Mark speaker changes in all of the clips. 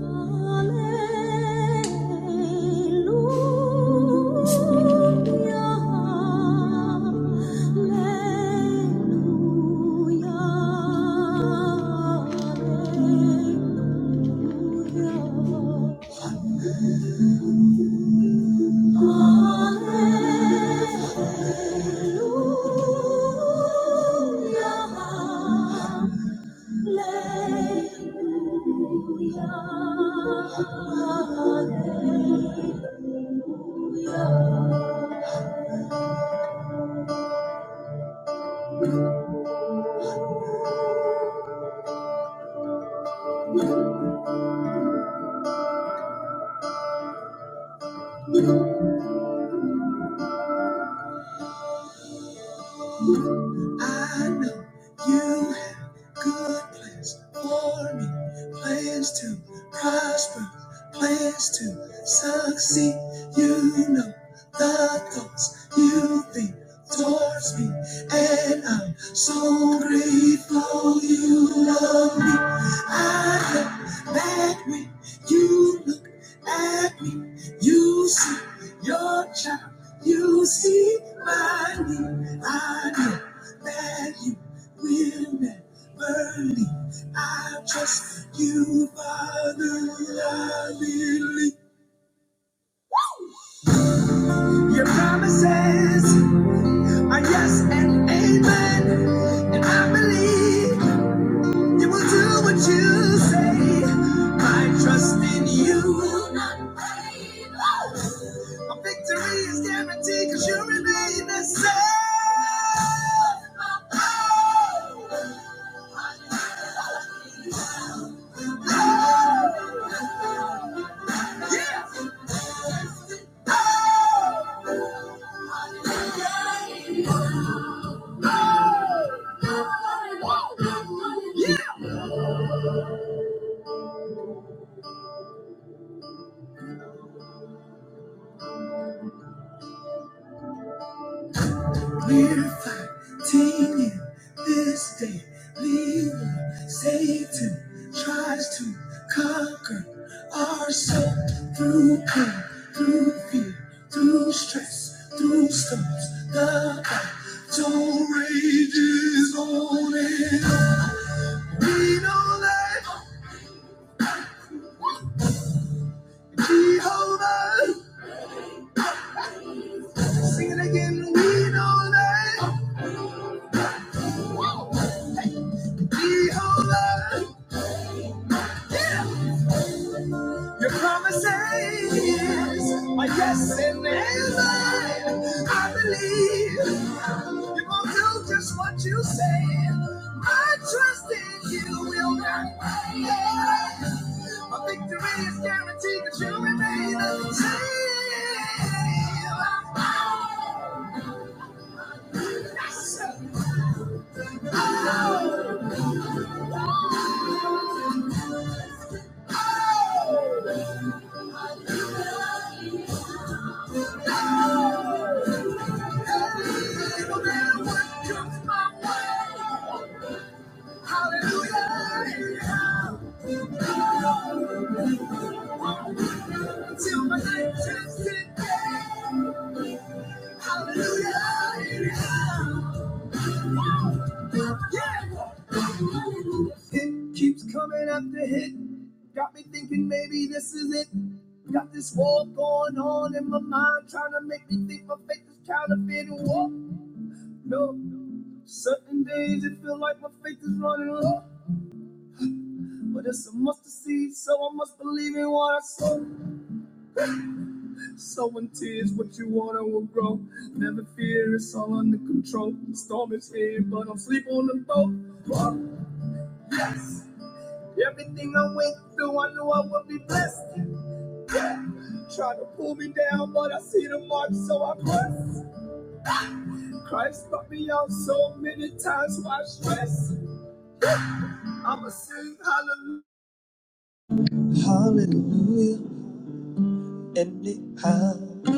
Speaker 1: Hallelujah. Hallelujah, I know you have good plans for me, plans to prosper, plans to succeed. You know the thoughts you think towards me, and I'm so grateful you love me. I know that when you look at me. You see your child, you see my need. I know that you will never leave. I trust you, Father. I believe your promises are yes and amen, and I believe you will do what you say. My trust in you will not fail. My victory is guaranteed because you remain the same. Yeah, yeah. We're fighting in this day. Leaving Satan tries to conquer our soul through pain, through fear, through stress, through storms. The battle rages on and on. We know that Jehovah. Sing it again. We know that. We hold on. Your promises my yes and amen. I believe you're going to do just what you say. I trust in you will not fail. My victory is guaranteed because you remain the same. Yes, sir. No matter what comes my way. Hallelujah. Till my life turns to day. Hallelujah. Yeah. It keeps coming after hit. Got me thinking maybe this is it. Got this war going on in my mind, trying to make me think my faith is counterfeit and war. No, certain days it feel like my faith is running low, but it's a must to see, so I must believe in what I saw. Sowing tears, what you wanna will grow. Never fear, it's all under control. The storm is here, but I'm sleep on the boat. Fuck. Everything I went through, I knew I would be blessed. Try to pull me down, but I see the mark, so I press. Christ brought me out so many times, why stress? I'ma sing hallelujah. Hallelujah, anyhow.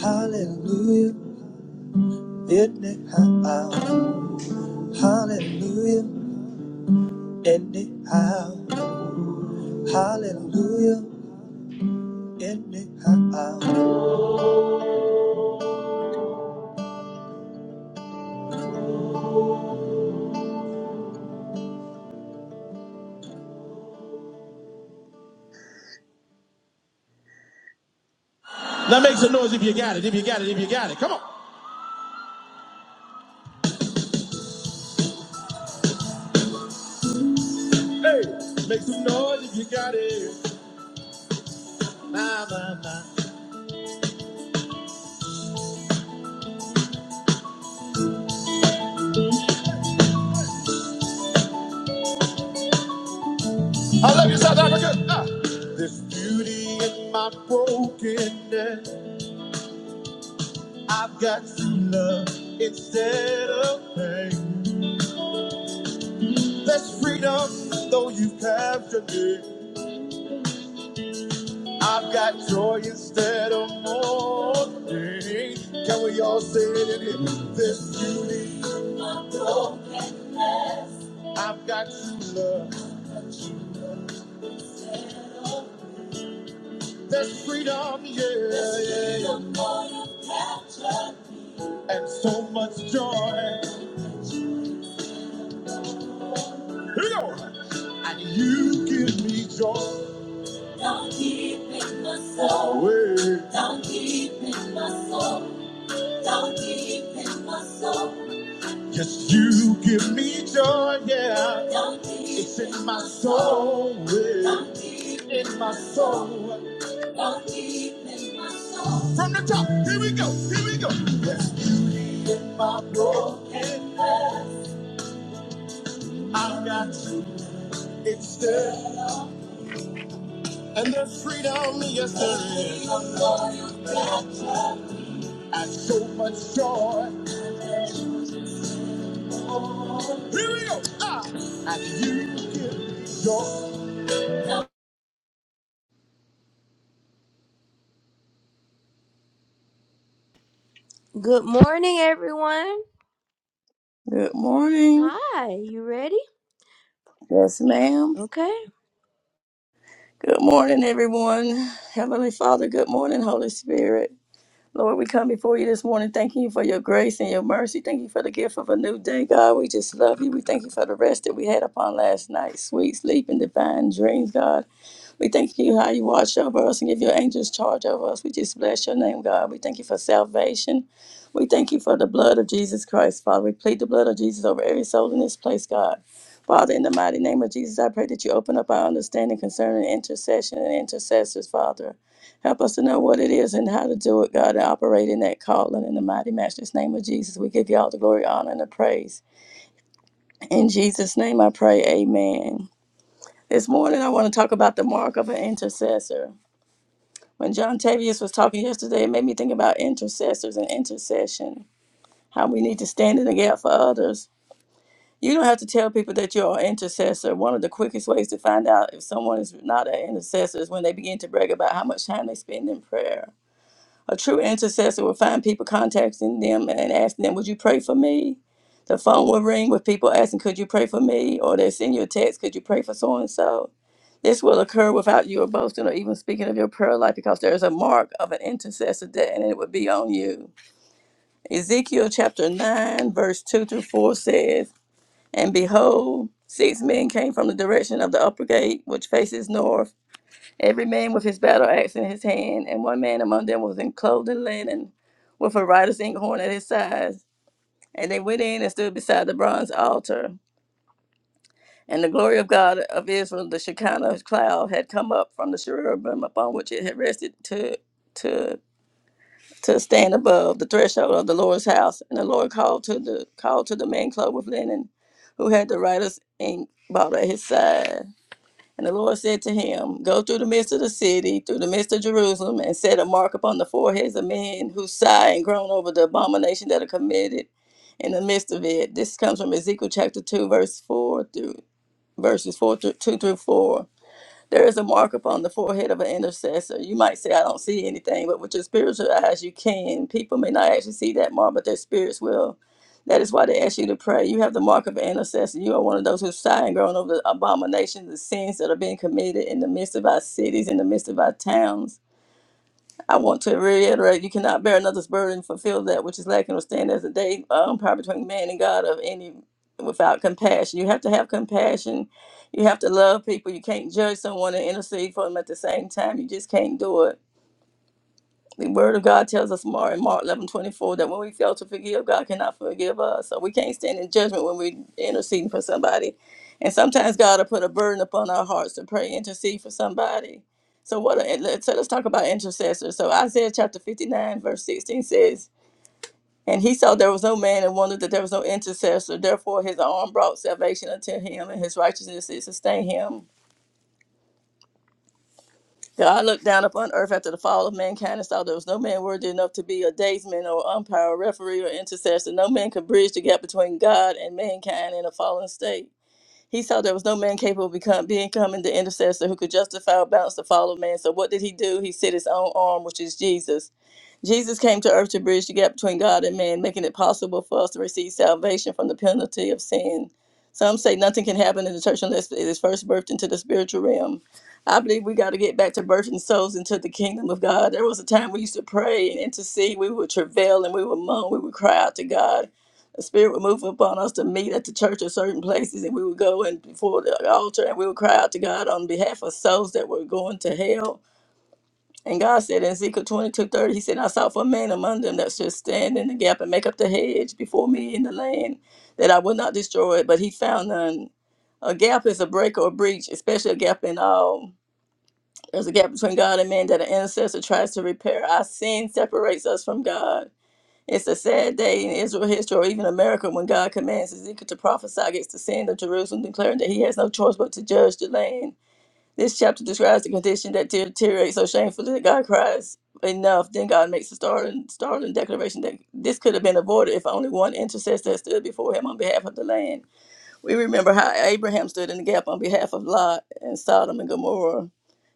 Speaker 1: Hallelujah, anyhow. Hallelujah, anyhow. Hallelujah. Anyhow. Now make some noise if you got it, if you got it, if you got it. Come on. Hey, make some noise if you got it. I love you, South Africa. Ah. There's beauty in my brokenness. I've got true love instead of pain. There's freedom, though you've captured me. I've got joy instead of mourning. Can we all say it in here? There's beauty. I've got true love. There's freedom, yeah, There's yeah, freedom, yeah. yeah. and so much joy. Lord, And you give me joy. Don't keep in my soul. Away. Don't keep in my soul. Don't keep in my soul. Yes, you give me joy, yeah. Don't keep it's in my soul. yeah. Don't keep in my soul. Don't keep in my soul. From the top, here we go, here we go. Yes. In my broadcast, I've got you. It's there. And there's freedom, yes there is. And so much joy. Here we go. Ah, and you give joy. Good morning, everyone.
Speaker 2: Good morning.
Speaker 1: Hi, you ready?
Speaker 2: Yes, ma'am.
Speaker 1: Okay.
Speaker 2: Good morning, everyone. Heavenly Father, good morning, Holy Spirit. Lord, we come before you this morning, thanking you for your grace and your mercy. Thank you for the gift of a new day, God. We just love you. We thank you for the rest that we had upon last night, sweet sleep and divine dreams, God. We thank you how you watch over us and give your angels charge over us. We just bless your name, God. We thank you for salvation. We thank you for the blood of Jesus Christ, Father. We plead the blood of Jesus over every soul in this place, God. Father, in the mighty name of Jesus, I pray that you open up our understanding concerning intercession and intercessors, Father. Help us to know what it is and how to do it, God, to operate in that calling in the mighty Master's name of Jesus. We give you all the glory, honor, and the praise. In Jesus' name I pray, amen. This morning I want to talk about the mark of an intercessor. When John Tavius was talking yesterday, it made me think about intercessors and intercession, how we need to stand in the gap for others. You don't have to tell people that you're an intercessor. One of the quickest ways to find out if someone is not an intercessor is when they begin to brag about how much time they spend in prayer. A true intercessor will find people contacting them and asking them, Would you pray for me? The phone will ring with people asking, Could you pray for me? Or they'll send you a text, Could you pray for so and so? This will occur without you boasting or even speaking of your prayer life because there is a mark of an intercessor that and it would be on you. Ezekiel chapter 9, verse 2 through 4 says, And behold, six men came from the direction of the upper gate, which faces north Every man with his battle axe in his hand, and one man among them was in clothed in linen, with a writer's inkhorn at his side. And they went in and stood beside the bronze altar. And the glory of God of Israel, the Shekinah cloud, had come up from the cherubim upon which it had rested to to to stand above the threshold of the Lord's house. And the Lord called to the called to the man clothed with linen, who had the writer's ink bottle at his side. And the Lord said to him, Go through the midst of the city, through the midst of Jerusalem, and set a mark upon the foreheads of men who sigh and groan over the abomination that are committed in the midst of it. This comes from Ezekiel chapter 2, verse 4 through verses 4 through 2 through 4. There is a mark upon the forehead of an intercessor. You might say, I don't see anything, but with your spiritual eyes, you can. People may not actually see that mark, but their spirits will. That is why they ask you to pray. You have the mark of an intercessor. You are one of those who sigh and groan over the abominations, the sins that are being committed in the midst of our cities, in the midst of our towns. I want to reiterate, you cannot bear another's burden, fulfill that which is lacking, or stand as a day um, power between man and God of any without compassion. You have to have compassion. You have to love people. You can't judge someone and intercede for them at the same time. You just can't do it. The word of God tells us more in Mark eleven twenty four that when we fail to forgive, God cannot forgive us. So we can't stand in judgment when we're interceding for somebody. And sometimes God will put a burden upon our hearts to pray, intercede for somebody. So what? A, let's- so let's talk about intercessors. So Isaiah chapter 59 verse 16 says, "And he saw there was no man, and wondered that there was no intercessor. Therefore his arm brought salvation unto him, and his righteousness did sustain him. God looked down upon earth after the fall of mankind and saw there was no man worthy enough to be a daysman or umpire, or referee, or intercessor. No man could bridge the gap between God and mankind in a fallen state. He saw there was no man capable of become, becoming the intercessor who could justify or balance the fall of man. So what did he do? He set his own arm, which is Jesus. Jesus came to earth to bridge the gap between God and man, making it possible for us to receive salvation from the penalty of sin. Some say nothing can happen in the church unless it is first birthed into the spiritual realm. I believe we got to get back to birthing souls into the kingdom of God. There was a time we used to pray and intercede. We would travail and we would moan. We would cry out to God. The Spirit would move upon us to meet at the church or certain places, and we would go and before the altar and we would cry out to God on behalf of souls that were going to hell and God said in Ezekiel 22 30, He said, I sought for a man among them that should stand in the gap and make up the hedge before me in the land, that I would not destroy it, but he found none. A gap is a break or a breach, especially a gap in all. There's a gap between God and man that an intercessor tries to repair. Our sin separates us from God. It's a sad day in Israel history or even America when God commands Ezekiel to prophesy against the sin of Jerusalem, declaring that he has no choice but to judge the land. This chapter describes the condition that deteriorates so shamefully that God cries enough. Then God makes a startling, startling declaration that this could have been avoided if only one intercessor had stood before him on behalf of the land. We remember how Abraham stood in the gap on behalf of Lot and Sodom and Gomorrah.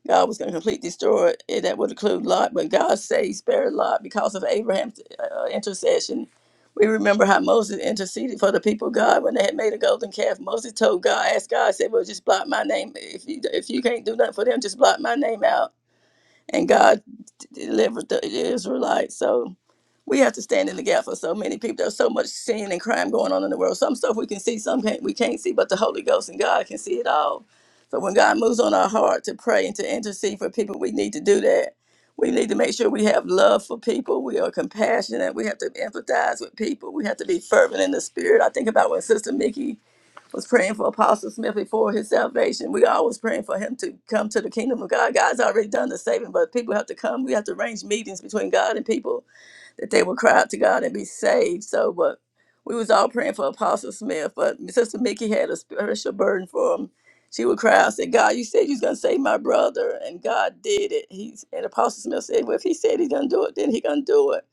Speaker 2: God was going to completely destroy it. That would include Lot, but God saved, spared Lot because of Abraham's uh, intercession. We remember how Moses interceded for the people of God when they had made a golden calf. Moses told God, asked God, said, "Well, just blot my name. If you if you can't do nothing for them, just blot my name out." And God d- delivered the Israelites. So we have to stand in the gap for so many people. There's so much sin and crime going on in the world. Some stuff we can see, some can't, we can't see, but the Holy Ghost and God can see it all. So when God moves on our heart to pray and to intercede for people, we need to do that. We need to make sure we have love for people. We are compassionate. We have to empathize with people. We have to be fervent in the spirit. I think about when Sister Mickey was praying for Apostle Smith before his salvation. We always praying for him to come to the kingdom of God. God's already done the saving, but people have to come. We have to arrange meetings between God and people that they would cry out to God and be saved. So, but we was all praying for Apostle Smith, but Sister Mickey had a special burden for him. She would cry out, said, God, you said you was gonna save my brother, and God did it. He's and Apostle Smith said, Well, if he said he's gonna do it, then he gonna do it.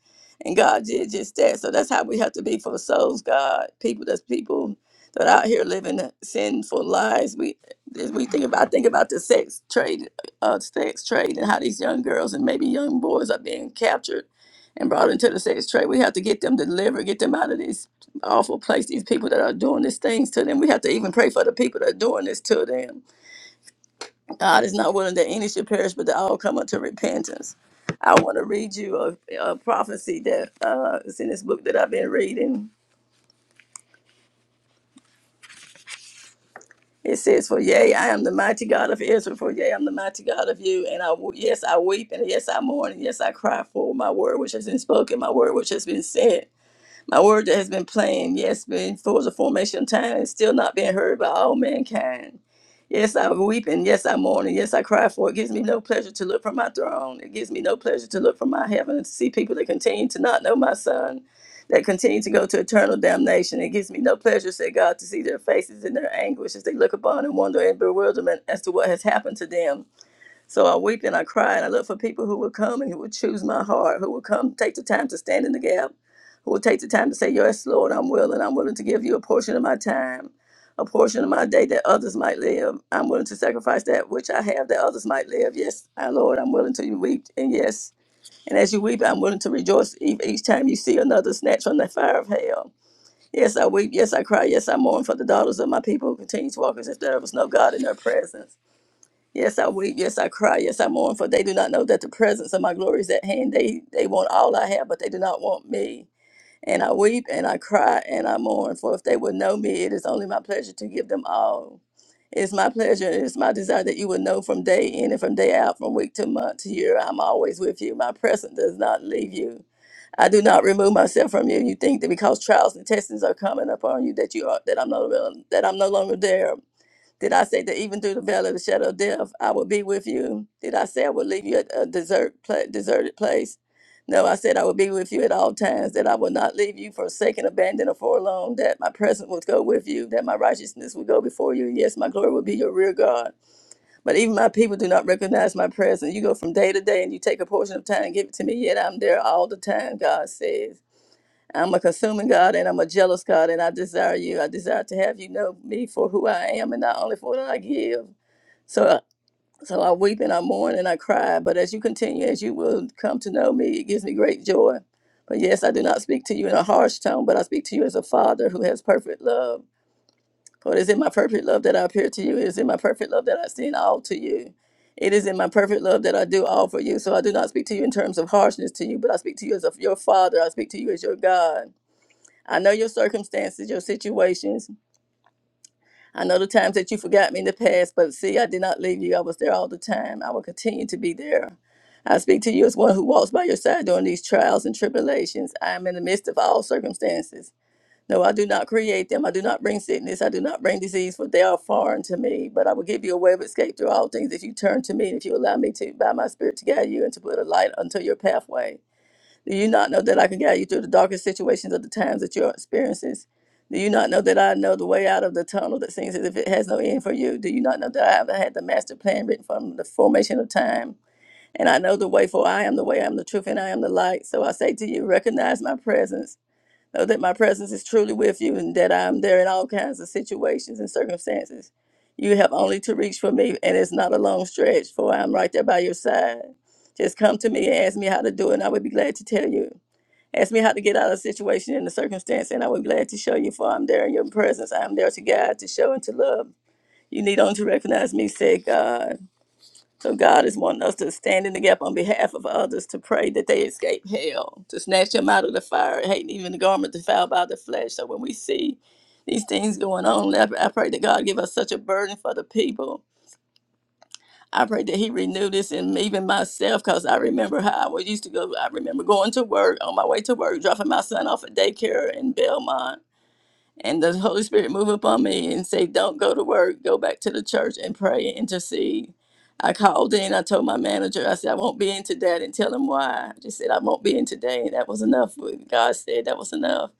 Speaker 2: And God did just that. So that's how we have to be for souls, God. People that's people that out here living sinful lives. We as we think about I think about the sex trade, uh, sex trade, and how these young girls and maybe young boys are being captured and brought into the sex trade. We have to get them delivered, get them out of these awful place, these people that are doing these things to them. We have to even pray for the people that are doing this to them. God is not willing that any should perish, but that all come unto repentance. I want to read you a, a prophecy that uh, is in this book that I've been reading. It says, "For yea, I am the mighty God of Israel. For yea, I'm the mighty God of you. And I, w- yes, I weep, and yes, I mourn, and yes, I cry for my word which has been spoken, my word which has been said. My word that has been plain, yes, before the formation of time, and still not being heard by all mankind. Yes, I weep and yes, I mourn and yes, I cry for it. It gives me no pleasure to look from my throne. It gives me no pleasure to look from my heaven and to see people that continue to not know my son, that continue to go to eternal damnation. It gives me no pleasure, said God, to see their faces in their anguish as they look upon and wonder in bewilderment as to what has happened to them. So I weep and I cry and I look for people who will come and who will choose my heart, who will come take the time to stand in the gap, who will take the time to say, Yes, Lord, I'm willing. I'm willing to give you a portion of my time, a portion of my day that others might live. I'm willing to sacrifice that which I have that others might live. Yes, I, Lord, I'm willing to weep. And yes, and as you weep, I'm willing to rejoice e- each time you see another snatch from the fire of hell. Yes, I weep. Yes, I cry. Yes, I mourn for the daughters of my people who continue to walk as if there was no God in their presence. Yes, I weep. Yes, I cry. Yes, I mourn, for they do not know that the presence of my glory is at hand. They they want all I have, but they do not want me. And I weep and I cry and I mourn, for if they would know me, it is only my pleasure to give them all. It is my pleasure and it is my desire that you would know from day in and from day out, from week to month to year. I'm always with you. My presence does not leave you. I do not remove myself from you. You think that because trials and testings are coming upon you that you are that I'm no that I'm no longer there. Did I say that even through the valley of the shadow of death, I will be with you? Did I say I would leave you at a desert, pla deserted place? No, I said I would be with you at all times, that I will not leave you forsaken, abandoned, or forlorn, that my presence would go with you, that my righteousness would go before you, and yes, my glory will be your rear guard. But even my people do not recognize my presence. You go from day to day and you take a portion of time and give it to me, yet I'm there all the time, God says. I'm a consuming God and I'm a jealous God, and I desire you. I desire to have you know me for who I am and not only for what I give. So, uh, so I weep and I mourn and I cry. But as you continue, as you will come to know me, it gives me great joy. But yes, I do not speak to you in a harsh tone, but I speak to you as a father who has perfect love. For it is in my perfect love that I appear to you. It is in my perfect love that I send all to you. It is in my perfect love that I do all for you. So I do not speak to you in terms of harshness to you, but I speak to you as of your father. I speak to you as your God. I know your circumstances, your situations. I know the times that you forgot me in the past, but see, I did not leave you. I was there all the time. I will continue to be there. I speak to you as one who walks by your side during these trials and tribulations. I am in the midst of all circumstances. No, I do not create them. I do not bring sickness. I do not bring disease, for they are foreign to me. But I will give you a way of escape through all things if you turn to me and if you allow me to, by my spirit, to guide you and to put a light unto your pathway. Do you not know that I can guide you through the darkest situations of the times that you're experiencing? Do you not know that I know the way out of the tunnel that seems as if it has no end for you? Do you not know that I have had the master plan written from the formation of time? And I know the way, for I am the way, I am the truth, and I am the light. So I say to you, recognize my presence. Know that my presence is truly with you and that I am there in all kinds of situations and circumstances. You have only to reach for me, and it's not a long stretch, for I am right there by your side. Just come to me and ask me how to do it, and I would be glad to tell you. Ask me how to get out of the situation and the circumstance, and I will be glad to show you, for I'm there in your presence. I am there to guide, to show, and to love. You need only to recognize me, said God. So God is wanting us to stand in the gap on behalf of others to pray that they escape hell, to snatch them out of the fire, hating even the garment defiled by the flesh. So when we see these things going on, I I pray that God give us such a burden for the people I pray that He renew this in even myself because I remember how I was used to go. I remember going to work on my way to work, dropping my son off at daycare in Belmont and the Holy Spirit move upon me and say, "Don't go to work. Go back to the church and pray and intercede." I called in. I told my manager. I said, "I won't be in today." I didn't tell him why. I just said, "I won't be in today," and that was enough. God said that was enough.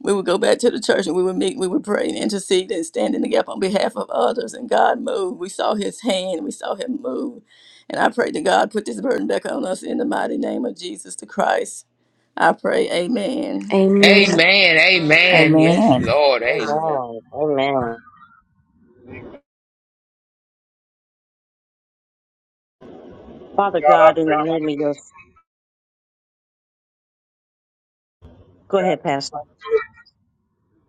Speaker 2: We would go back to the church and we would meet. We would pray and intercede and stand in the gap on behalf of others. And God moved. We saw His hand. We saw Him move. And I pray to God put this burden back on us in the mighty name of Jesus the Christ. I pray, Amen.
Speaker 1: Amen.
Speaker 3: Amen. Amen. Yes,
Speaker 4: Amen.
Speaker 3: Lord. Amen.
Speaker 5: Amen. Amen. Father
Speaker 6: God, I
Speaker 5: God, in
Speaker 6: pray
Speaker 5: the
Speaker 6: to
Speaker 5: name of your, go
Speaker 6: God.
Speaker 5: ahead, Pastor.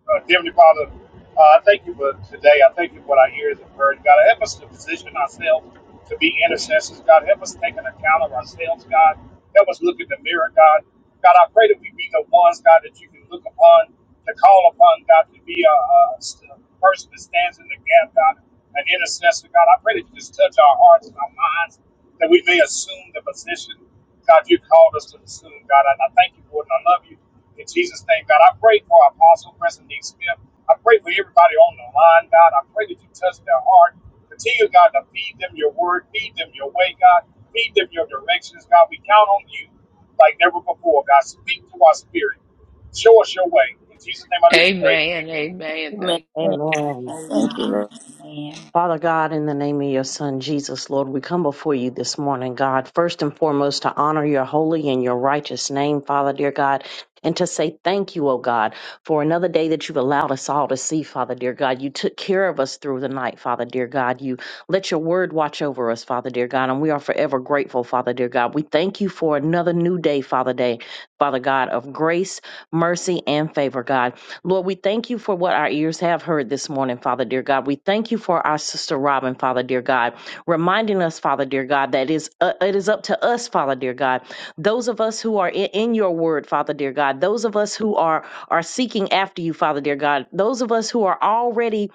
Speaker 6: Uh, Heavenly Father, uh, I thank you for today. I thank you for what our ears have heard. God, help us to position ourselves to be intercessors. God, help us take an account of ourselves, God. Help us look in the mirror, God. God, I pray that we be the ones, God, that you can look upon, to call upon, God, to be a, a a person that stands in the gap, God, an intercessor, God. I pray that you just touch our hearts and our minds, that we may assume the position, God, you called us to assume, God. And I thank you for it, and I love you. In Jesus' name, God, I pray for Apostle Preston D. Smith. I pray for everybody on the line, God. I pray that you touch their heart. Continue, God, to feed them your word, feed them your way, God. Feed them your directions, God. We count on you like never before, God. Speak to our spirit. Show us your way. In Jesus' name, I do pray.
Speaker 3: Amen.
Speaker 6: Amen.
Speaker 3: Amen.
Speaker 2: Amen.
Speaker 3: Thank
Speaker 5: Amen.
Speaker 2: Thank you, Lord.
Speaker 7: Amen.
Speaker 5: Father God, in the name of your Son Jesus, Lord, we come before you this morning, God, first and foremost to honor your holy and your righteous name, Father, dear God, and to say thank you, O God, for another day that you've allowed us all to see, Father, dear God. You took care of us through the night, Father, dear God. You let your word watch over us, Father, dear God, and we are forever grateful, Father, dear God. We thank you for another new day, Father, day, Father God, of grace, mercy, and favor, God. Lord, we thank you for what our ears have heard this morning, Father, dear God. We thank you for our sister Robin, Father, dear God, reminding us, Father, dear God, that is uh, it is up to us, Father, dear God. Those of us who are in, in your word, Father, dear God. Those of us who are are seeking after you, Father, dear God. Those of us who are already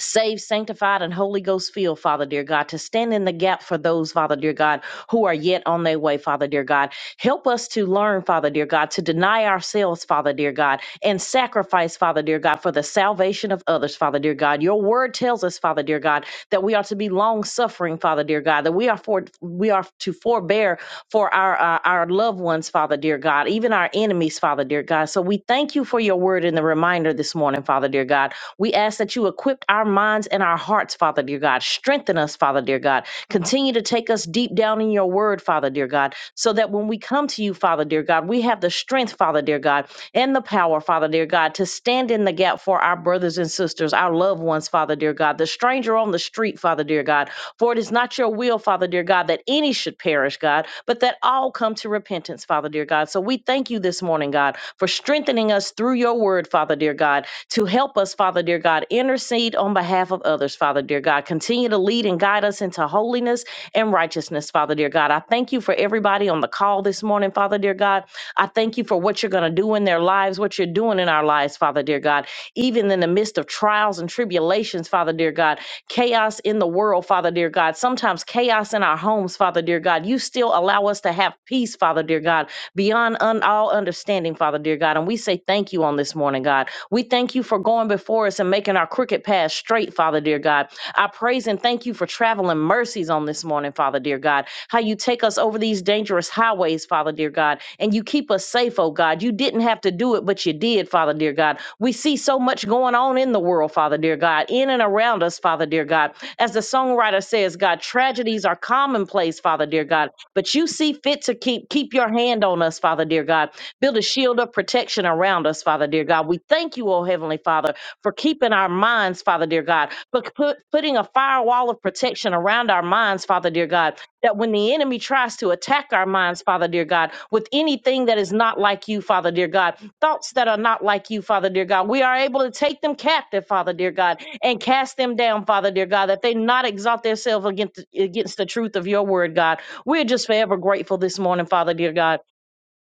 Speaker 5: saved, sanctified, and Holy Ghost filled, Father dear God, to stand in the gap for those, Father dear God, who are yet on their way, Father dear God. Help us to learn, Father dear God, to deny ourselves, Father dear God, and sacrifice, Father dear God, for the salvation of others, Father dear God. Your word tells us, Father dear God, that we are to be long suffering, Father dear God, that we are for we are to forbear for our uh, our loved ones, Father dear God, even our enemies, Father dear God. So we thank you for your word and the reminder this morning, Father dear God. We ask that you equip our minds and our hearts, Father dear God. Strengthen us, Father dear God. Continue to take us deep down in your word, Father dear God, so that when we come to you, Father dear God, we have the strength, Father dear God, and the power, Father dear God, to stand in the gap for our brothers and sisters, our loved ones, Father dear God, the stranger on the street, Father dear God. For it is not your will, Father dear God, that any should perish, God, but that all come to repentance, Father dear God. So we thank you this morning, God, for strengthening us through your word, Father dear God to help us, Father dear God, intercede on behalf of others, Father dear God. Continue to lead and guide us into holiness and righteousness, Father dear God. I thank you for everybody on the call this morning, Father dear God. I thank you for what you're going to do in their lives, what you're doing in our lives, Father dear God. Even in the midst of trials and tribulations, Father dear God, chaos in the world, Father dear God, sometimes chaos in our homes, Father dear God, you still allow us to have peace, Father dear God beyond un- all understanding, Father, dear God. And we say thank you on this morning, God. We thank you for going before us and making our crooked path straight, Father, dear God. I praise and thank you for traveling mercies on this morning, Father, dear God. How you take us over these dangerous highways, Father, dear God, and you keep us safe, oh God. You didn't have to do it, but you did, Father, dear God. We see so much going on in the world, Father, dear God, in and around us, Father, dear God. As the songwriter says, God, tragedies are commonplace, Father, dear God but you see fit to keep keep your hand on us, Father dear God. Build a shield of protection around us, Father dear God. We thank you, oh Heavenly Father, for keeping our minds, Father dear God, for put, putting a firewall of protection around our minds, Father dear God, that when the enemy tries to attack our minds, Father dear God, with anything that is not like you, Father dear God, thoughts that are not like you, Father dear God, we are able to take them captive, Father dear God, and cast them down, Father dear God, that they not exalt themselves against against the truth of your word, God. We're just forever grateful this morning, Father, dear God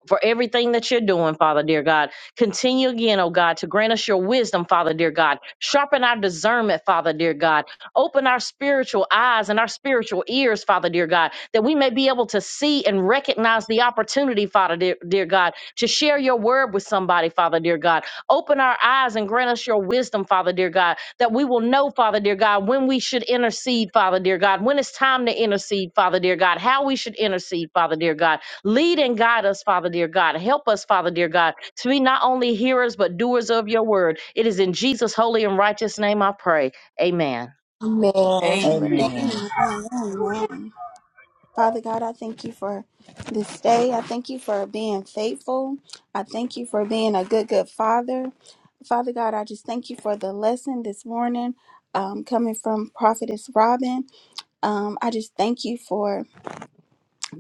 Speaker 5: for everything that you're doing, Father dear God. Continue again, oh God, to grant us your wisdom, Father dear God. Sharpen our discernment, Father dear God. Open our spiritual eyes and our spiritual ears, Father dear God, that we may be able to see and recognize the opportunity, Father dear, dear God, to share your word with somebody, Father dear God. Open our eyes and grant us your wisdom, Father dear God, that we will know, Father dear God, when we should intercede, Father dear God, when it's time to intercede, Father dear God, how we should intercede, Father dear God Lead and guide us, Father dear God. Help us, Father dear God, to be not only hearers but doers of your word. It is in Jesus' holy and righteous name I pray. Amen.
Speaker 2: Amen.
Speaker 6: Amen. Glory to
Speaker 4: Amen.
Speaker 7: Amen.
Speaker 6: God. Thank you,
Speaker 7: Father
Speaker 6: God.
Speaker 7: God, I thank you for this day. I thank you for being faithful. I thank you for being a good, good father. Father God, I just thank you for the lesson this morning um, coming from Prophetess Robin. Um, I just thank you for.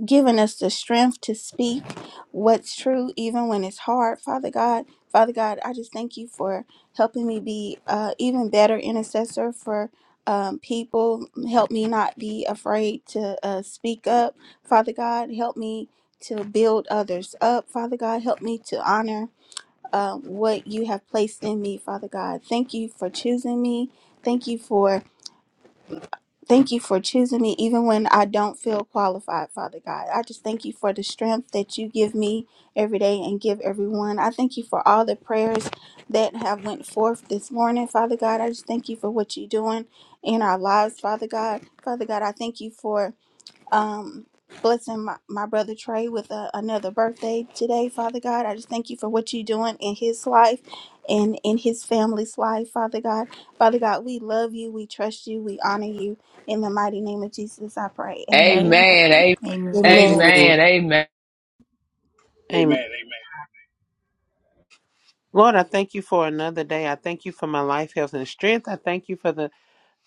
Speaker 7: giving us the strength to speak what's true even when it's hard father god father god i just thank you for helping me be uh, even better intercessor for um, people help me not be afraid to uh, speak up father god help me to build others up father god help me to honor uh, what you have placed in me father god thank you for choosing me thank you for Thank you for choosing me even when I don't feel qualified, Father God. I just thank you for the strength that you give me every day and give everyone. I thank you for all the prayers that have went forth this morning, Father God. I just thank you for what you're doing in our lives, Father God. Father God, I thank you for um, blessing my, my brother Trey with a, another birthday today, Father God. I just thank you for what you're doing in his life and in his family's life, Father God. Father God, we love you, we trust you, we honor you. In the mighty name of Jesus, I pray.
Speaker 2: Amen.
Speaker 7: Amen.
Speaker 3: Amen. a-
Speaker 1: Amen.
Speaker 4: Amen.
Speaker 8: Amen.
Speaker 3: Amen. Amen.
Speaker 8: Amen.
Speaker 6: Amen. Amen.
Speaker 8: Lord, I thank you for another day. I thank you for my life, health, and strength. I thank you for the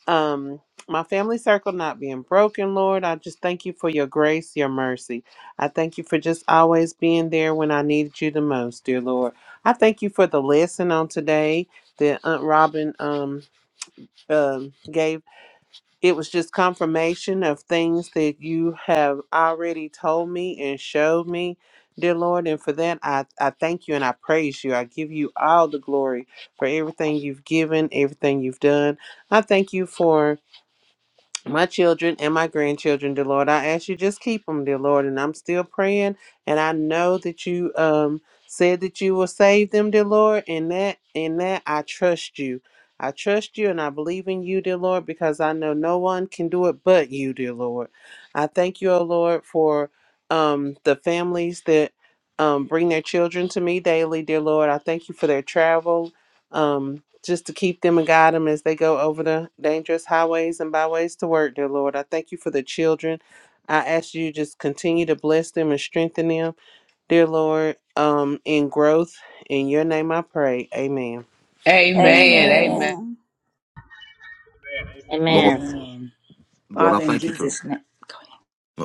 Speaker 8: um my family circle not being broken, Lord. I just thank you for your grace, your mercy. I thank you for just always being there when I needed you the most, dear Lord. I thank you for the lesson on today that Aunt Robin um um, gave It was just confirmation of things that you have already told me and showed me, dear Lord. And for that, I, I thank you and I praise you. I give you all the glory for everything you've given, everything you've done. I thank you for my children and my grandchildren, dear Lord. I ask you just keep them, dear Lord. And I'm still praying, and I know that you um said that you will save them, dear Lord. And that in that I trust you. I trust you and I believe in you, dear Lord, because I know no one can do it but you, dear Lord. I thank you, O Lord, for um the families that um bring their children to me daily, dear Lord. I thank you for their travel um, just to keep them and guide them as they go over the dangerous highways and byways to work, dear Lord. I thank you for the children. I ask you just continue to bless them and strengthen them, dear Lord, um, in growth. In your name I pray. Amen.
Speaker 3: Amen. Amen.
Speaker 2: Amen.
Speaker 3: Amen.
Speaker 7: Amen.
Speaker 6: Amen. Amen.
Speaker 9: Lord,
Speaker 5: Amen.
Speaker 4: Amen.
Speaker 9: Lord, I
Speaker 4: Father, in
Speaker 9: thank you for
Speaker 4: Jesus' name.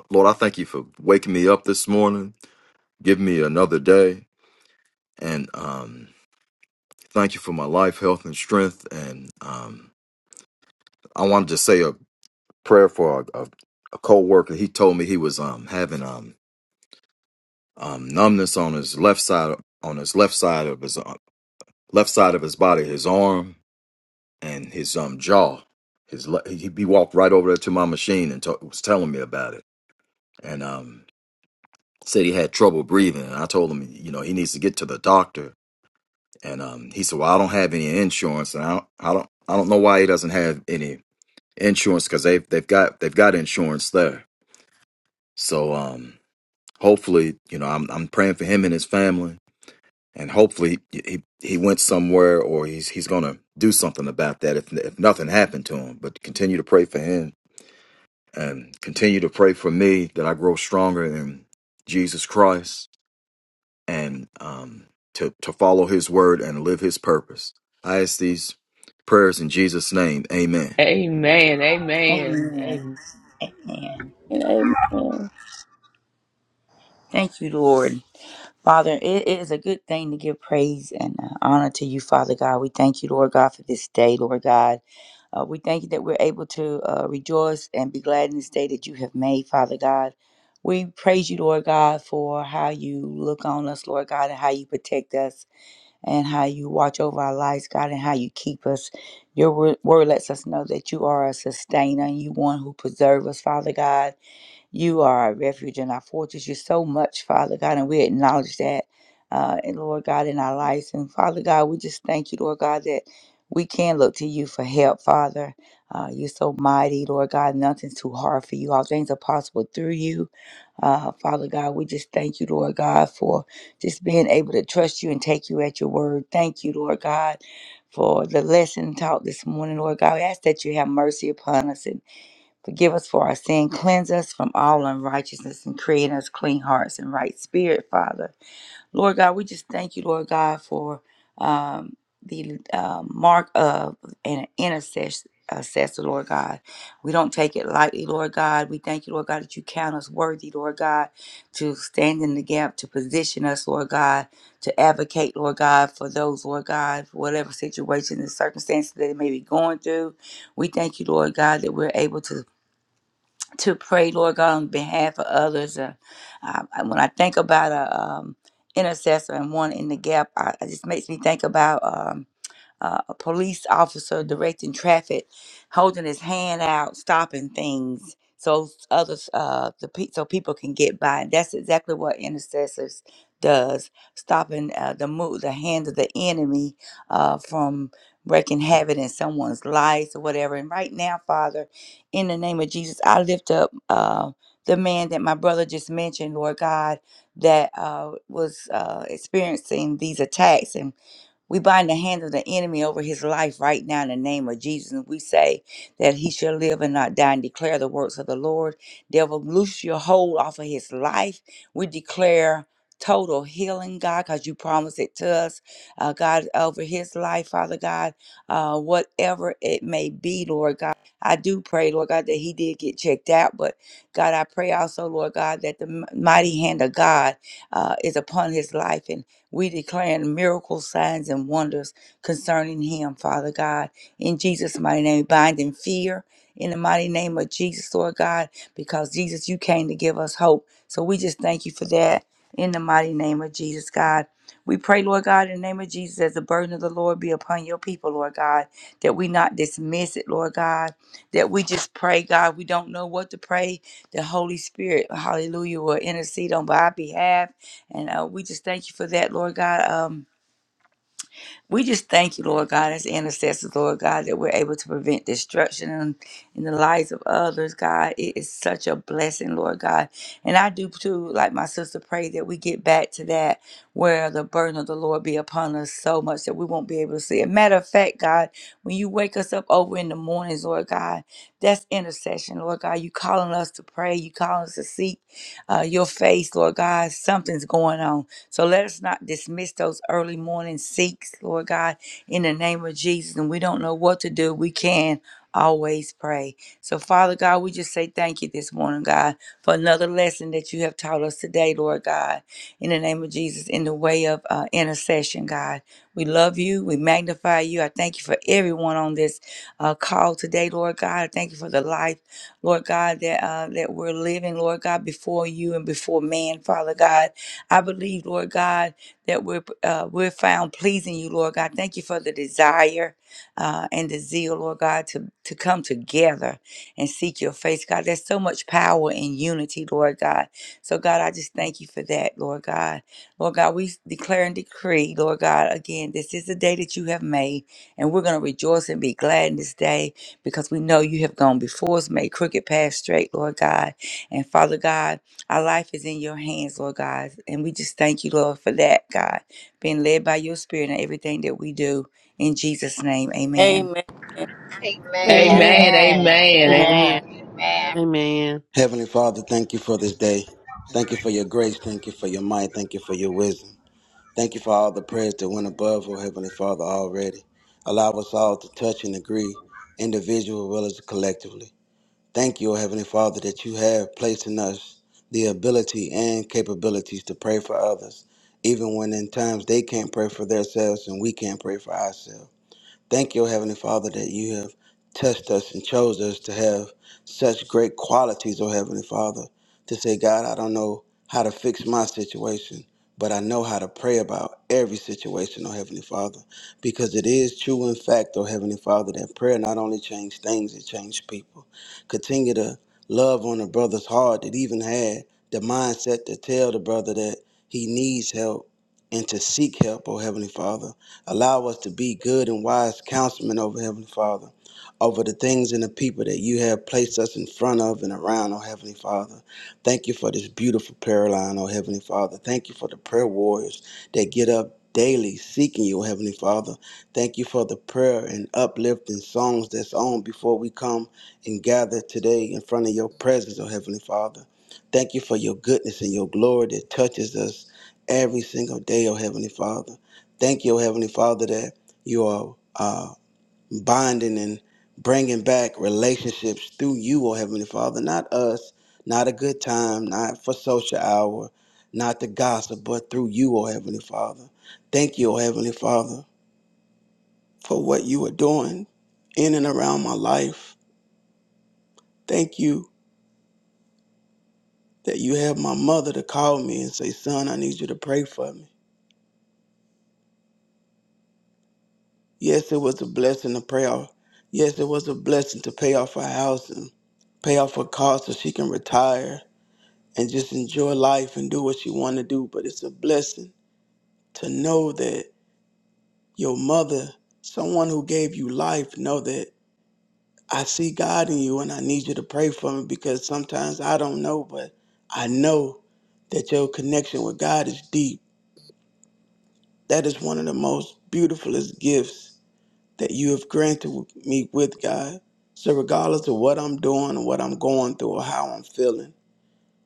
Speaker 9: Lord, I thank you for waking me up this morning, giving me another day, and um, thank you for my life, health, and strength. And um, I wanted to say a prayer for a, a, a co-worker. He told me he was um having um um numbness on his left side on his left side of his uh, left side of his body, his arm, and his um jaw. His le- he, he walked right over there to my machine and to- was telling me about it. And um, said he had trouble breathing. And I told him, you know, he needs to get to the doctor. And um, he said, well, I don't have any insurance, and I don't, I don't, I don't know why he doesn't have any insurance because they've they've got they've got insurance there. So um, hopefully, you know, I'm I'm praying for him and his family, and hopefully he he he went somewhere or he's he's gonna do something about that if if nothing happened to him. But continue to pray for him and continue to pray for me that I grow stronger in Jesus Christ and um, to, to follow his word and live his purpose. I ask these prayers in Jesus' name.
Speaker 3: Amen.
Speaker 9: Amen.
Speaker 3: Amen.
Speaker 4: Amen.
Speaker 3: Amen.
Speaker 4: Amen.
Speaker 2: And amen.
Speaker 4: Thank you, Lord. Father, it it is a good thing to give praise and uh, honor to you, Father God. We thank you, Lord God, for this day, Lord God. Uh, we thank you that we're able to uh, rejoice and be glad in this day that you have made, Father God. We praise you, Lord God, for how you look on us, Lord God, and how you protect us. and how you watch over our lives, God, and how you keep us. Your wor- word lets us know that you are a sustainer and you one who preserve us, Father God. You are a refuge and our fortress. You're so much, Father God, and we acknowledge that, uh, and Lord God, in our lives. And Father God, we just thank you, Lord God, that we can look to you for help, Father. Uh, you're so mighty, Lord God. Nothing's too hard for you. All things are possible through you. Uh, Father God, we just thank you, Lord God, for just being able to trust you and take you at your word. Thank you, Lord God, for the lesson taught this morning, Lord God. We ask that you have mercy upon us and. Forgive us for our sin, cleanse us from all unrighteousness, and create in us clean hearts and right spirit, Father. Lord God, we just thank you, Lord God, for um, the uh, mark of an intercessor. Assessor, Lord God. We don't take it lightly, Lord God. We thank you, Lord God, that you count us worthy, Lord God, to stand in the gap, to position us, Lord God, to advocate, Lord God, for those, Lord God, whatever situation and circumstances that they may be going through. We thank you, Lord God, that we're able to to pray, Lord God, on behalf of others. Uh, I, I- when I think about a um, intercessor and one in the gap, I, it just makes me think about. um, uh, a police officer directing traffic, holding his hand out, stopping things so others, uh, the pe- so people can get by. And that's exactly what intercessors does, stopping uh, the move, the hand of the enemy uh, from wreaking havoc in someone's lives or whatever. And right now, Father, in the name of Jesus, I lift up uh, the man that my brother just mentioned, Lord God, that uh, was uh, experiencing these attacks and we bind the hand of the enemy over his life right now in the name of Jesus. And we say that he shall live and not die and declare the works of the Lord. Devil, loose your hold off of his life. We declare total healing, God, because you promised it to us, uh, God, over his life, Father God, uh, whatever it may be, Lord God. I do pray, Lord God, that he did get checked out. But God, I pray also, Lord God, that the m- mighty hand of God uh, is upon his life. and. We declare miracles, signs, and wonders concerning him, Father God. In Jesus' mighty name, binding fear in the mighty name of Jesus, Lord God, because Jesus, you came to give us hope. So we just thank you for that in the mighty name of Jesus, God. We pray, Lord God, in the name of Jesus, as the burden of the Lord be upon your people, Lord God, that we not dismiss it, Lord God, that we just pray, God. We don't know what to pray. The Holy Spirit, hallelujah, will intercede on our behalf and uh, we just thank you for that, Lord God. Um, we just thank you, Lord God, as intercessors, Lord God, that we're able to prevent destruction in, in the lives of others, God. It is such a blessing, Lord God. And I do too, like my sister, pray that we get back to that where the burden of the Lord be upon us so much that we won't be able to see it. Matter of fact, God, when you wake us up over in the mornings, Lord God, that's intercession, Lord God. You calling us to pray, you calling us to seek uh, your face, Lord God. Something's going on. So let us not dismiss those early morning seeks, Lord God, in the name of Jesus. And we don't know what to do. We can always pray. So, Father God, we just say thank you this morning, God, for another lesson that you have taught us today, Lord God, in the name of Jesus, in the way of uh, intercession, God. We love you. We magnify you. I thank you for everyone on this uh, call today, Lord God. I thank you for the life, Lord God, that uh, that we're living, Lord God, before you and before man, Father God. I believe, Lord God, that we're uh, we're found pleasing you, Lord God. Thank you for the desire uh, and the zeal, Lord God, to to come together and seek your face, God. There's so much power in unity, Lord God. So, God, I just thank you for that, Lord God. Lord God, we declare and decree, Lord God, again, this is the day that you have made, and we're going to rejoice and be glad in this day because we know you have gone before us, made crooked paths straight, Lord God. And Father God. Our life is in your hands, Lord God. And we just thank you, Lord, for that, God, being led by your spirit in everything that we do. In Jesus' name, amen.
Speaker 2: Amen.
Speaker 10: Amen.
Speaker 3: Amen.
Speaker 1: Amen.
Speaker 10: Amen.
Speaker 5: Amen.
Speaker 8: Amen.
Speaker 5: Amen.
Speaker 10: Amen. Amen.
Speaker 8: Amen.
Speaker 11: Heavenly Father, thank you for this day. Thank
Speaker 12: Heavenly
Speaker 11: you for your
Speaker 12: Father,
Speaker 11: grace.
Speaker 12: thank you
Speaker 11: Thank
Speaker 12: for
Speaker 11: you
Speaker 12: this
Speaker 11: for your
Speaker 12: day.
Speaker 11: might. Thank you for your wisdom. Thank you for all the prayers that went above, oh Heavenly Father, already. Allow us all to touch and agree, individually as well as collectively. Thank you, oh Heavenly Father, that you have placed in us the ability and capabilities to pray for others, even when in times they can't pray for themselves and we can't pray for ourselves. Thank you, O Heavenly Father, that you have touched us and chose us to have such great qualities, O Heavenly Father, to say, God, I don't know how to fix my situation, but I know how to pray about every situation, O Heavenly Father, because it is true in fact, O Heavenly Father, that prayer not only changes things, it changes people. Continue to love on a brother's heart that even had the mindset to tell the brother that he needs help and to seek help, oh Heavenly Father. Allow us to be good and wise councilmen over Heavenly Father, over the things and the people that you have placed us in front of and around, oh Heavenly Father. Thank you for this beautiful prayer line, oh Heavenly Father. Thank you for the prayer warriors that get up daily seeking you, oh Heavenly Father. Thank you for the prayer and uplifting songs that's on before we come and gather today in front of your presence, oh Heavenly Father. Thank you for your goodness and your glory that touches us every single day, oh Heavenly Father. Thank you, Heavenly Father, that you are uh, binding and bringing back relationships through you, oh Heavenly Father, not us, not a good time, not for social hour, not the gossip, but through you, oh Heavenly Father. Thank you, oh Heavenly Father, for what you are doing in and around my life. Thank you that you have my mother to call me and say, Son, I need you to pray for me. Yes, it was a blessing to pay off. Yes, it was a blessing to pay off her house and pay off her car so she can retire and just enjoy life and do what she want to do. But it's a blessing to know that your mother, someone who gave you life, know that I see God in you and I need you to pray for me because sometimes I don't know, but I know that your connection with God is deep. That is one of the most beautifulest gifts that you have granted me with God. So, regardless of what I'm doing or what I'm going through or how I'm feeling,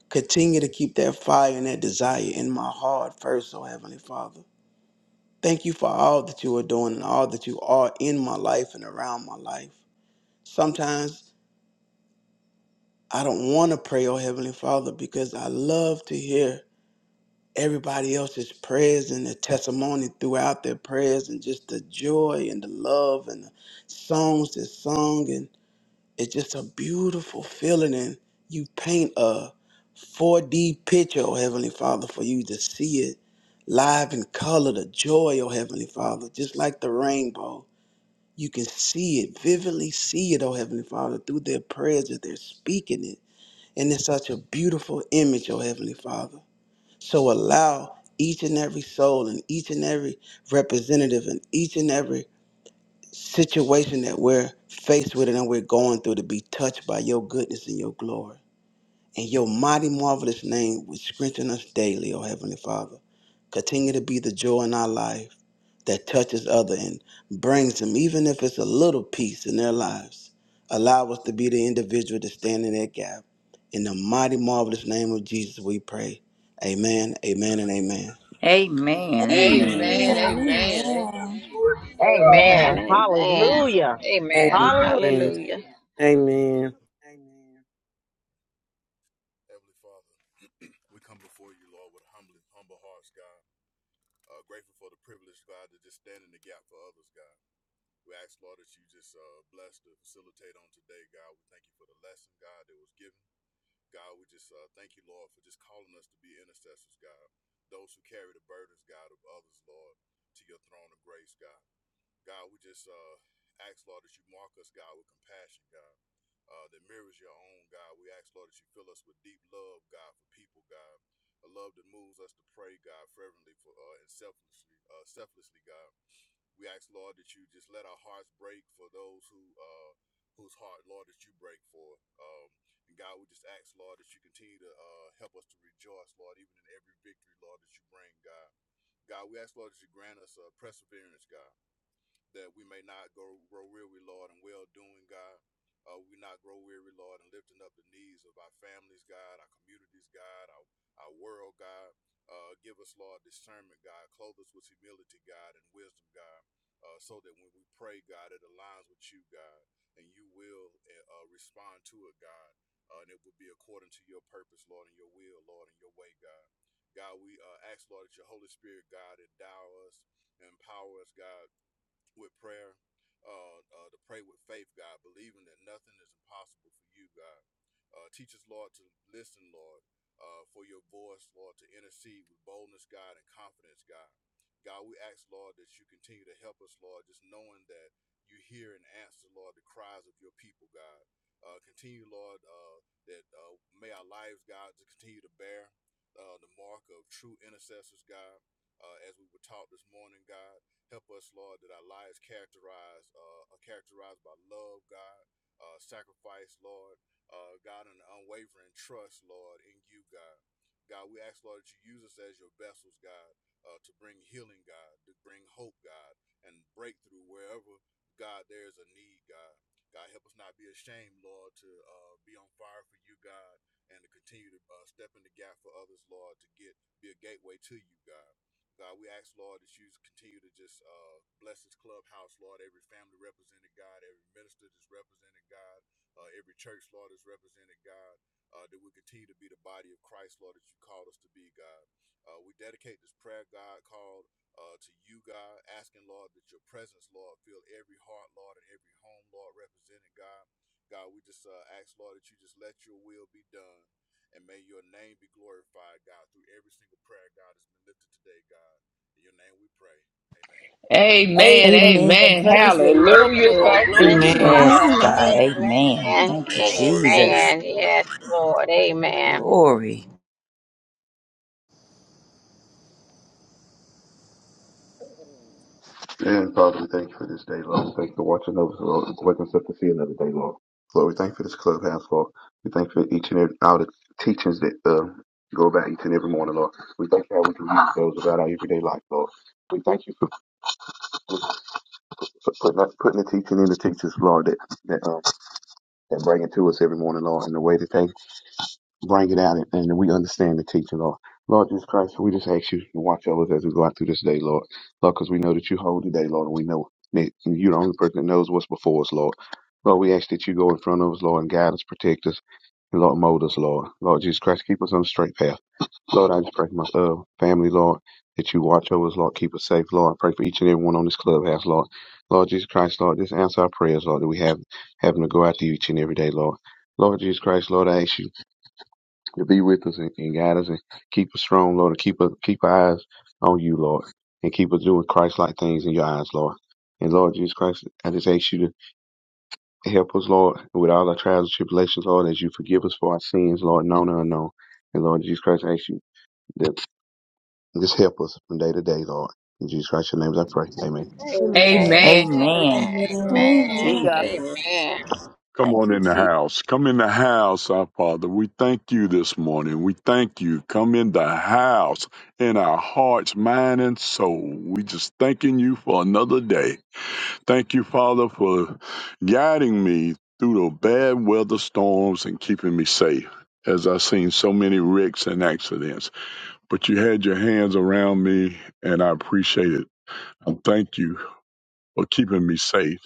Speaker 11: continue to keep that fire and that desire in my heart first, oh Heavenly Father. Thank you for all that you are doing and all that you are in my life and around my life. Sometimes I don't want to pray, oh Heavenly Father, because I love to hear everybody else's prayers and their testimony throughout their prayers and just the joy and the love and the songs that's sung and. It's just a beautiful feeling, and you paint a 4D picture, oh Heavenly Father, for you to see it live in color, the joy, oh Heavenly Father, just like the rainbow. You can see it, vividly see it, oh Heavenly Father, through their prayers that they're speaking it. And it's such a beautiful image, oh Heavenly Father. So allow each and every soul and each and every representative and each and every situation that we're faced with and that we're going through to be touched by your goodness and your glory. And your mighty, marvelous name will strengthen us daily, O Heavenly Father. Continue to be the joy in our life that touches other and brings them, even if it's a little peace in their lives. Allow us to be the individual to stand in that gap. In the mighty, marvelous name of Jesus, we pray. Amen, amen, and amen.
Speaker 4: Amen.
Speaker 7: Amen.
Speaker 4: Amen.
Speaker 12: Amen.
Speaker 3: Amen.
Speaker 12: Amen. Amen.
Speaker 6: Glory be to
Speaker 12: Amen.
Speaker 10: Amen.
Speaker 5: Amen.
Speaker 10: Amen.
Speaker 5: Hallelujah.
Speaker 12: Amen.
Speaker 10: Amen.
Speaker 5: Hallelujah.
Speaker 8: Amen.
Speaker 10: Hallelujah.
Speaker 12: Hallelujah. Amen.
Speaker 8: Amen.
Speaker 3: Amen. Amen.
Speaker 1: Amen.
Speaker 2: Amen,
Speaker 3: Amen. Hallelujah. Thank
Speaker 12: Amen.
Speaker 3: you.
Speaker 10: Amen.
Speaker 8: Amen.
Speaker 5: Amen.
Speaker 4: Yes,
Speaker 2: God.
Speaker 4: God.
Speaker 12: Amen.
Speaker 4: Amen.
Speaker 10: Amen.
Speaker 4: Thank you,
Speaker 12: Hallelujah. Yes,
Speaker 2: Thank you,
Speaker 12: God.
Speaker 2: Jesus,
Speaker 4: Jesus.
Speaker 10: Amen.
Speaker 12: Amen.
Speaker 10: Yes, Lord. Amen.
Speaker 4: Glory.
Speaker 13: And Father, we thank you for this day, Lord. We thank you for watching over us, Lord, and waking us up to see another day, Lord. Lord, we thank you for this clubhouse, Lord. We thank you for each and every all the teachings that uh, go about each and every morning, Lord. We thank you how we can use those about our everyday life, Lord. We thank you for, for putting, putting the teaching in the teachers, Lord, that that, um, that bring it to us every morning, Lord, in the way that they bring it out and, and we understand the teaching, Lord. Lord Jesus Christ, we just ask you to watch over us as we go out through this day, Lord. Lord, because we know that you hold the day, Lord, and we know that you're the only person that knows what's before us, Lord. Lord, we ask that you go in front of us, Lord, and guide us, protect us, and Lord, mold us, Lord. Lord Jesus Christ, keep us on the straight path. Lord, I just pray for my uh, family, Lord, that you watch over us, Lord, keep us safe, Lord. I pray for each and every one on this clubhouse, Lord. Lord Jesus Christ, Lord, just answer our prayers, Lord, that we have having to go out to you each and every day, Lord. Lord Jesus Christ, Lord, I ask you to be with us and, and guide us and keep us strong, Lord, and keep us keep our eyes on you, Lord, and keep us doing Christ like things in your eyes, Lord. And Lord Jesus Christ, I just ask you to help us, Lord, with all our trials and tribulations, Lord, as you forgive us for our sins, Lord, known and unknown. And Lord Jesus Christ, I ask you that just help us from day to day, Lord. In Jesus Christ, your name I pray. Amen.
Speaker 10: Amen.
Speaker 3: Amen.
Speaker 1: Amen.
Speaker 2: for this
Speaker 4: Amen.
Speaker 1: Amen.
Speaker 4: Thank you,
Speaker 2: Amen,
Speaker 10: Amen.
Speaker 7: Amen. Amen.
Speaker 2: God.
Speaker 4: Jesus.
Speaker 10: Amen.
Speaker 14: Come
Speaker 2: Thank
Speaker 14: on
Speaker 2: you,
Speaker 14: in the
Speaker 2: Jesus.
Speaker 14: house. Come in the house, our Father. We thank you this morning. We thank you. Come in the house in our hearts, mind, and soul. We just thanking you for another day. Thank you, Father, for guiding me through the bad weather storms and keeping me safe. As I've seen so many wrecks and accidents, but you had your hands around me, and I appreciate it. I thank you for keeping me safe.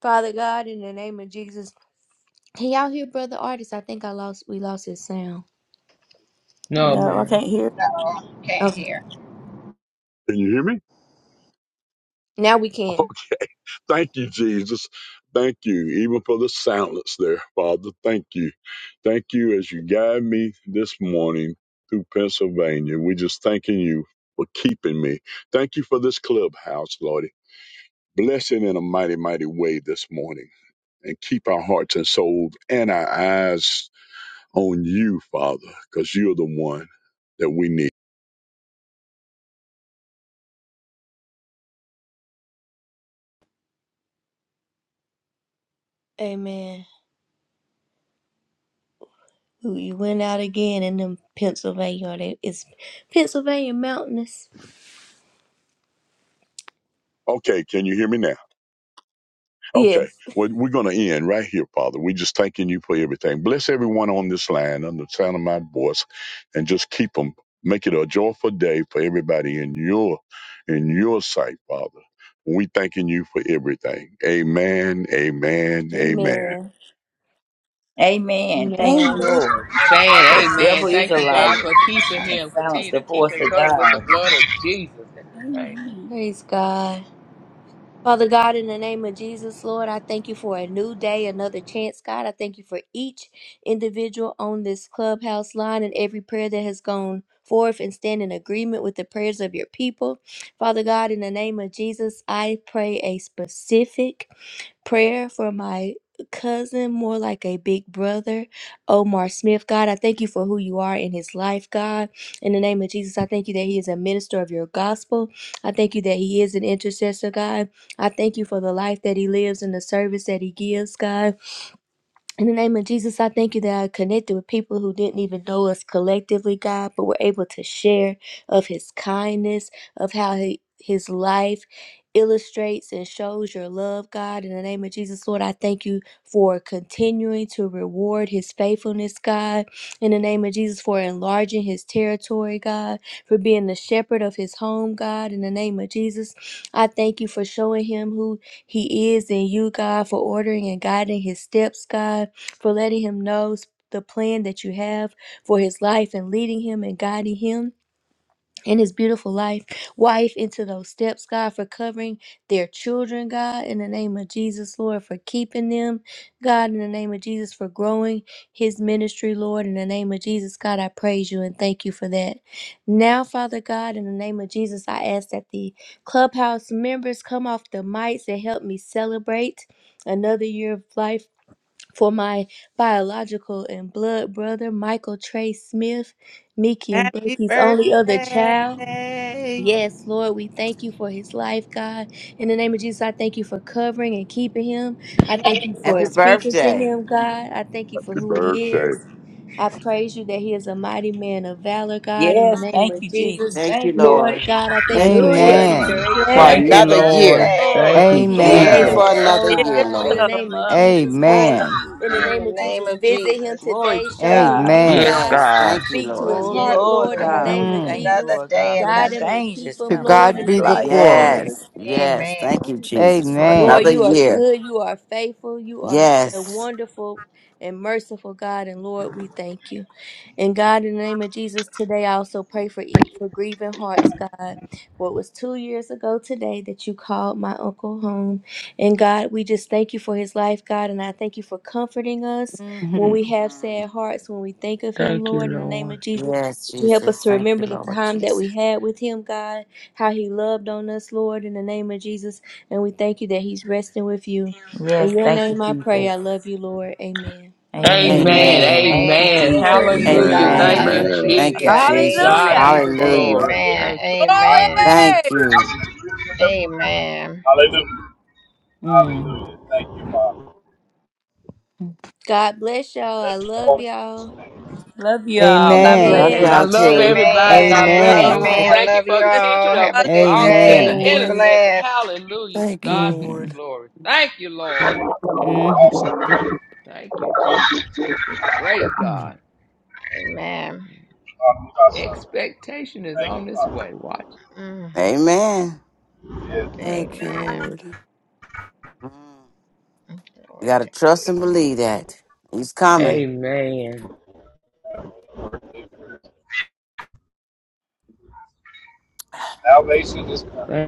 Speaker 1: Father God, in the name of Jesus. Can y'all hear brother artist? I think I lost we lost his sound.
Speaker 3: No,
Speaker 2: No, I
Speaker 3: man.
Speaker 2: can't hear.
Speaker 10: No, can't
Speaker 1: Okay.
Speaker 10: hear.
Speaker 14: Can you hear me?
Speaker 1: Now we can.
Speaker 14: Thank you, Jesus. Thank you, even for the silence there, Father. Thank you. Thank you as you guide me this morning through Pennsylvania. We're just thanking you for keeping me. Thank you for this clubhouse, Lordy. Bless it in a mighty, mighty way this morning and keep our hearts and souls and our eyes on you, Father, because you're the one that we need.
Speaker 1: Amen. You you went out again in them Pennsylvania. Are they, it's Pennsylvania mountainous.
Speaker 14: Okay, can you hear me now? Okay.
Speaker 1: Yes.
Speaker 14: Well, we're going to end right here, Father. We just thanking you for everything. Bless everyone on this line under the sound of my voice and just keep them. Make it a joyful day for everybody in your in your sight, Father. We thanking you for everything. Amen. Amen. Amen.
Speaker 1: Amen.
Speaker 4: Amen. Thank you,
Speaker 1: Amen.
Speaker 7: Amen.
Speaker 4: Lord.
Speaker 3: Man,
Speaker 4: The
Speaker 10: Amen.
Speaker 3: amen.
Speaker 4: devil is
Speaker 3: Thank
Speaker 4: a
Speaker 3: you,
Speaker 10: Amen.
Speaker 2: Man,
Speaker 3: God,
Speaker 4: liar.
Speaker 3: for
Speaker 6: God.
Speaker 3: keeping
Speaker 4: I have
Speaker 3: him. Continue
Speaker 4: silenced the
Speaker 3: to keep
Speaker 4: voice
Speaker 3: him
Speaker 4: of
Speaker 3: covered with the
Speaker 4: God.
Speaker 3: blood of Jesus in the name of
Speaker 7: Amen.
Speaker 1: Praise God. Father God, in the name of Jesus, Lord, I thank you for a new day, another chance, God. I thank you for each individual on this clubhouse line and every prayer that has gone forth and stand in agreement with the prayers of your people. Father God, in the name of Jesus, I pray a specific Prayer for my cousin, more like a big brother, Omar Smith. God, I thank you for who you are in his life, God. In the name of Jesus, I thank you that he is a minister of your gospel. I thank you that he is an intercessor, God. I thank you for the life that he lives and the service that he gives, God. In the name of Jesus, I thank you that I connected with people who didn't even know us collectively, God, but were able to share of his kindness, of how he, his life illustrates and shows your love, God. In the name of Jesus, Lord, I thank you for continuing to reward his faithfulness, God. In the name of Jesus, for enlarging his territory, God, for being the shepherd of his home, God. In the name of Jesus, I thank you for showing him who he is in you, God, for ordering and guiding his steps, God for letting him know the plan that you have for his life and leading him and guiding him and his beautiful life, wife, into those steps, God, for covering their children, God, in the name of Jesus, Lord, for keeping them, God, in the name of Jesus, for growing his ministry, Lord, in the name of Jesus, God, I praise you and thank you for that. Now, Father God, in the name of Jesus, I ask that the clubhouse members come off the mics and help me celebrate another year of life for my biological and blood brother, Michael Trey Smith, Mickey and
Speaker 8: Happy
Speaker 1: Bucky's only other child.
Speaker 8: birthday.
Speaker 1: Yes, Lord, we thank you for his life, God. In the name of Jesus, I thank you for covering and keeping him. I
Speaker 8: Yes,
Speaker 1: thank you for
Speaker 15: Happy
Speaker 8: Lord.
Speaker 1: speaking to
Speaker 15: birthday.
Speaker 1: him, God. I thank you for
Speaker 14: Happy
Speaker 1: who he is.
Speaker 14: birthday.
Speaker 1: I praise you that he is a mighty man of valor, God, in the
Speaker 4: Yes,
Speaker 1: name
Speaker 4: thank
Speaker 1: of
Speaker 4: you, Jesus.
Speaker 1: Jesus.
Speaker 15: Thank you,
Speaker 4: Thank you.
Speaker 1: Lord
Speaker 15: Lord.
Speaker 1: God, I thank you
Speaker 15: Thank
Speaker 1: for
Speaker 15: you,
Speaker 1: ordering
Speaker 4: Hallelujah.
Speaker 1: and
Speaker 15: Jesus,
Speaker 9: Amen.
Speaker 10: Amen.
Speaker 1: directing
Speaker 15: for
Speaker 1: his
Speaker 3: Thank
Speaker 10: Happy
Speaker 3: you,
Speaker 1: steps.
Speaker 15: another year.
Speaker 3: Lord.
Speaker 4: Lord,
Speaker 10: birthday.
Speaker 3: Thank
Speaker 4: for
Speaker 1: Thank
Speaker 3: you,
Speaker 1: you for
Speaker 15: Thank
Speaker 4: keeping
Speaker 15: you
Speaker 1: saving
Speaker 9: Amen.
Speaker 4: him,
Speaker 15: for
Speaker 3: Jesus.
Speaker 1: his
Speaker 10: Yes.
Speaker 4: Lord
Speaker 15: another
Speaker 1: soul,
Speaker 2: it
Speaker 15: year,
Speaker 2: is
Speaker 4: God,
Speaker 1: God, in the
Speaker 15: Lord.
Speaker 4: raising
Speaker 2: so.
Speaker 4: him
Speaker 1: name of
Speaker 4: up to be
Speaker 1: Jesus, Lord.
Speaker 4: mighty in
Speaker 9: Amen.
Speaker 4: you,
Speaker 1: In the
Speaker 10: In
Speaker 4: Jesus.
Speaker 10: the
Speaker 1: name of
Speaker 10: name
Speaker 1: Jesus,
Speaker 10: of
Speaker 1: visit him
Speaker 10: Jesus.
Speaker 4: Glory
Speaker 1: today.
Speaker 4: to
Speaker 1: Show him
Speaker 4: God.
Speaker 1: you,
Speaker 3: Yes,
Speaker 9: Amen.
Speaker 1: God.
Speaker 15: Yes.
Speaker 3: God.
Speaker 15: Thank you,
Speaker 1: Speak to his
Speaker 4: Oh,
Speaker 15: Lord.
Speaker 1: heart,
Speaker 10: Yes,
Speaker 4: Lord
Speaker 1: Lord, in the
Speaker 10: Lord.
Speaker 4: God,
Speaker 1: name
Speaker 4: we
Speaker 1: of
Speaker 4: thank
Speaker 9: Mm.
Speaker 4: you,
Speaker 10: Another
Speaker 1: Jesus.
Speaker 4: Lord
Speaker 10: day,
Speaker 4: God, for the
Speaker 1: Guide
Speaker 10: another
Speaker 1: him and
Speaker 4: change
Speaker 1: keep
Speaker 4: that's
Speaker 9: To
Speaker 1: him,
Speaker 4: coming in
Speaker 1: Lord,
Speaker 9: God
Speaker 1: in
Speaker 4: his
Speaker 1: the
Speaker 9: be the
Speaker 1: name
Speaker 10: Yes,
Speaker 4: life.
Speaker 1: of
Speaker 10: uh,
Speaker 9: glory.
Speaker 1: Jesus.
Speaker 15: Yes. Yes. Thank
Speaker 10: Amen.
Speaker 15: you, Jesus, for
Speaker 1: Lord,
Speaker 15: another
Speaker 9: Amen.
Speaker 1: you
Speaker 10: Yes.
Speaker 1: are
Speaker 15: year.
Speaker 1: good. You are faithful. You are a
Speaker 15: Yes.
Speaker 1: wonderful and merciful God. And Lord, we thank you. And God, in the name of Jesus, today I also pray for each- for grieving hearts, God. For it was two years ago today that you called my uncle home. And God, we just thank you for his life, God. And I thank you for comforting us when
Speaker 9: hmm
Speaker 1: we have
Speaker 15: Mm.
Speaker 1: sad hearts, when we think of him,
Speaker 3: Thank you,
Speaker 1: Lord, in the name
Speaker 3: Lord.
Speaker 1: of Jesus.
Speaker 15: Yes,
Speaker 1: that You help
Speaker 15: Jesus.
Speaker 1: us to
Speaker 15: Thank
Speaker 1: remember
Speaker 15: you,
Speaker 1: the
Speaker 15: Lord
Speaker 1: time that we
Speaker 15: Jesus.
Speaker 1: had with him, God, how he loved on us, Lord, in the name of Jesus and we thank you that he's resting with you.
Speaker 4: Yes,
Speaker 1: In your
Speaker 4: thank you,
Speaker 1: name I pray. I
Speaker 4: Jesus.
Speaker 1: love you, Lord. Amen.
Speaker 2: I love
Speaker 8: Amen.
Speaker 4: Amen.
Speaker 3: Amen.
Speaker 9: Amen.
Speaker 15: Amen.
Speaker 4: Thank you,
Speaker 10: Amen.
Speaker 3: Amen.
Speaker 10: Glory
Speaker 4: Jesus.
Speaker 10: be to
Speaker 3: Hallelujah.
Speaker 14: Amen.
Speaker 10: God.
Speaker 2: God.
Speaker 3: Thank you,
Speaker 15: Amen.
Speaker 14: Amen.
Speaker 15: Thank you,
Speaker 3: Jesus.
Speaker 10: Hallelujah.
Speaker 15: Jesus.
Speaker 3: God be
Speaker 4: Hallelujah.
Speaker 10: Amen.
Speaker 3: the
Speaker 15: Hallelujah.
Speaker 3: glory.
Speaker 10: Amen.
Speaker 6: Hallelujah.
Speaker 3: Thank
Speaker 6: I agree
Speaker 10: Amen.
Speaker 6: with
Speaker 15: Thank
Speaker 6: this
Speaker 2: Glory!
Speaker 6: prayer. I
Speaker 15: you.
Speaker 6: agree with that
Speaker 10: Amen.
Speaker 6: prayer. Hallelujah.
Speaker 9: Mm.
Speaker 6: Hallelujah. Thank you, Father.
Speaker 1: God bless y'all. I
Speaker 6: That's your
Speaker 1: love y'all.
Speaker 6: holy name.
Speaker 4: Love you all. God
Speaker 3: you.
Speaker 9: Amen.
Speaker 15: Love
Speaker 4: bless
Speaker 3: Man,
Speaker 8: Love
Speaker 4: you.
Speaker 3: I
Speaker 8: you
Speaker 1: Amen.
Speaker 15: y'all
Speaker 8: too.
Speaker 3: love
Speaker 15: too.
Speaker 8: Everybody
Speaker 3: everybody.
Speaker 8: Have
Speaker 3: God
Speaker 8: a
Speaker 10: Amen.
Speaker 16: Love
Speaker 3: bless
Speaker 2: Oh,
Speaker 9: Amen.
Speaker 3: you.
Speaker 16: y'all.
Speaker 10: Amen.
Speaker 3: Thank you
Speaker 10: Love
Speaker 3: for
Speaker 10: you
Speaker 3: the
Speaker 2: bless
Speaker 3: teaching
Speaker 10: all.
Speaker 3: of
Speaker 10: Have a
Speaker 2: God.
Speaker 10: good
Speaker 3: all-
Speaker 16: Thank you,
Speaker 3: being an
Speaker 10: day.
Speaker 9: Amen.
Speaker 10: Be
Speaker 16: Lord.
Speaker 3: intercessor.
Speaker 10: blessed.
Speaker 3: Hallelujah. To
Speaker 16: Thank you,
Speaker 3: God be the
Speaker 16: Lord.
Speaker 9: Mm-hmm.
Speaker 3: glory. Thank you, Lord.
Speaker 6: Awesome.
Speaker 3: Thank you, Jesus. He's a great
Speaker 9: Mm-hmm.
Speaker 3: God.
Speaker 10: Amen.
Speaker 6: Father, so.
Speaker 3: Expectation is
Speaker 6: Thank
Speaker 3: on
Speaker 6: you,
Speaker 3: this way. Watch.
Speaker 10: Mm.
Speaker 15: Amen.
Speaker 6: Father.
Speaker 16: Thank you,
Speaker 10: Amen.
Speaker 16: Lord.
Speaker 15: Mm. You
Speaker 10: Glory
Speaker 15: gotta
Speaker 10: to
Speaker 15: trust and
Speaker 10: God.
Speaker 15: believe that. He's coming.
Speaker 3: Amen.
Speaker 6: Yes. Salvation is coming.
Speaker 3: Thank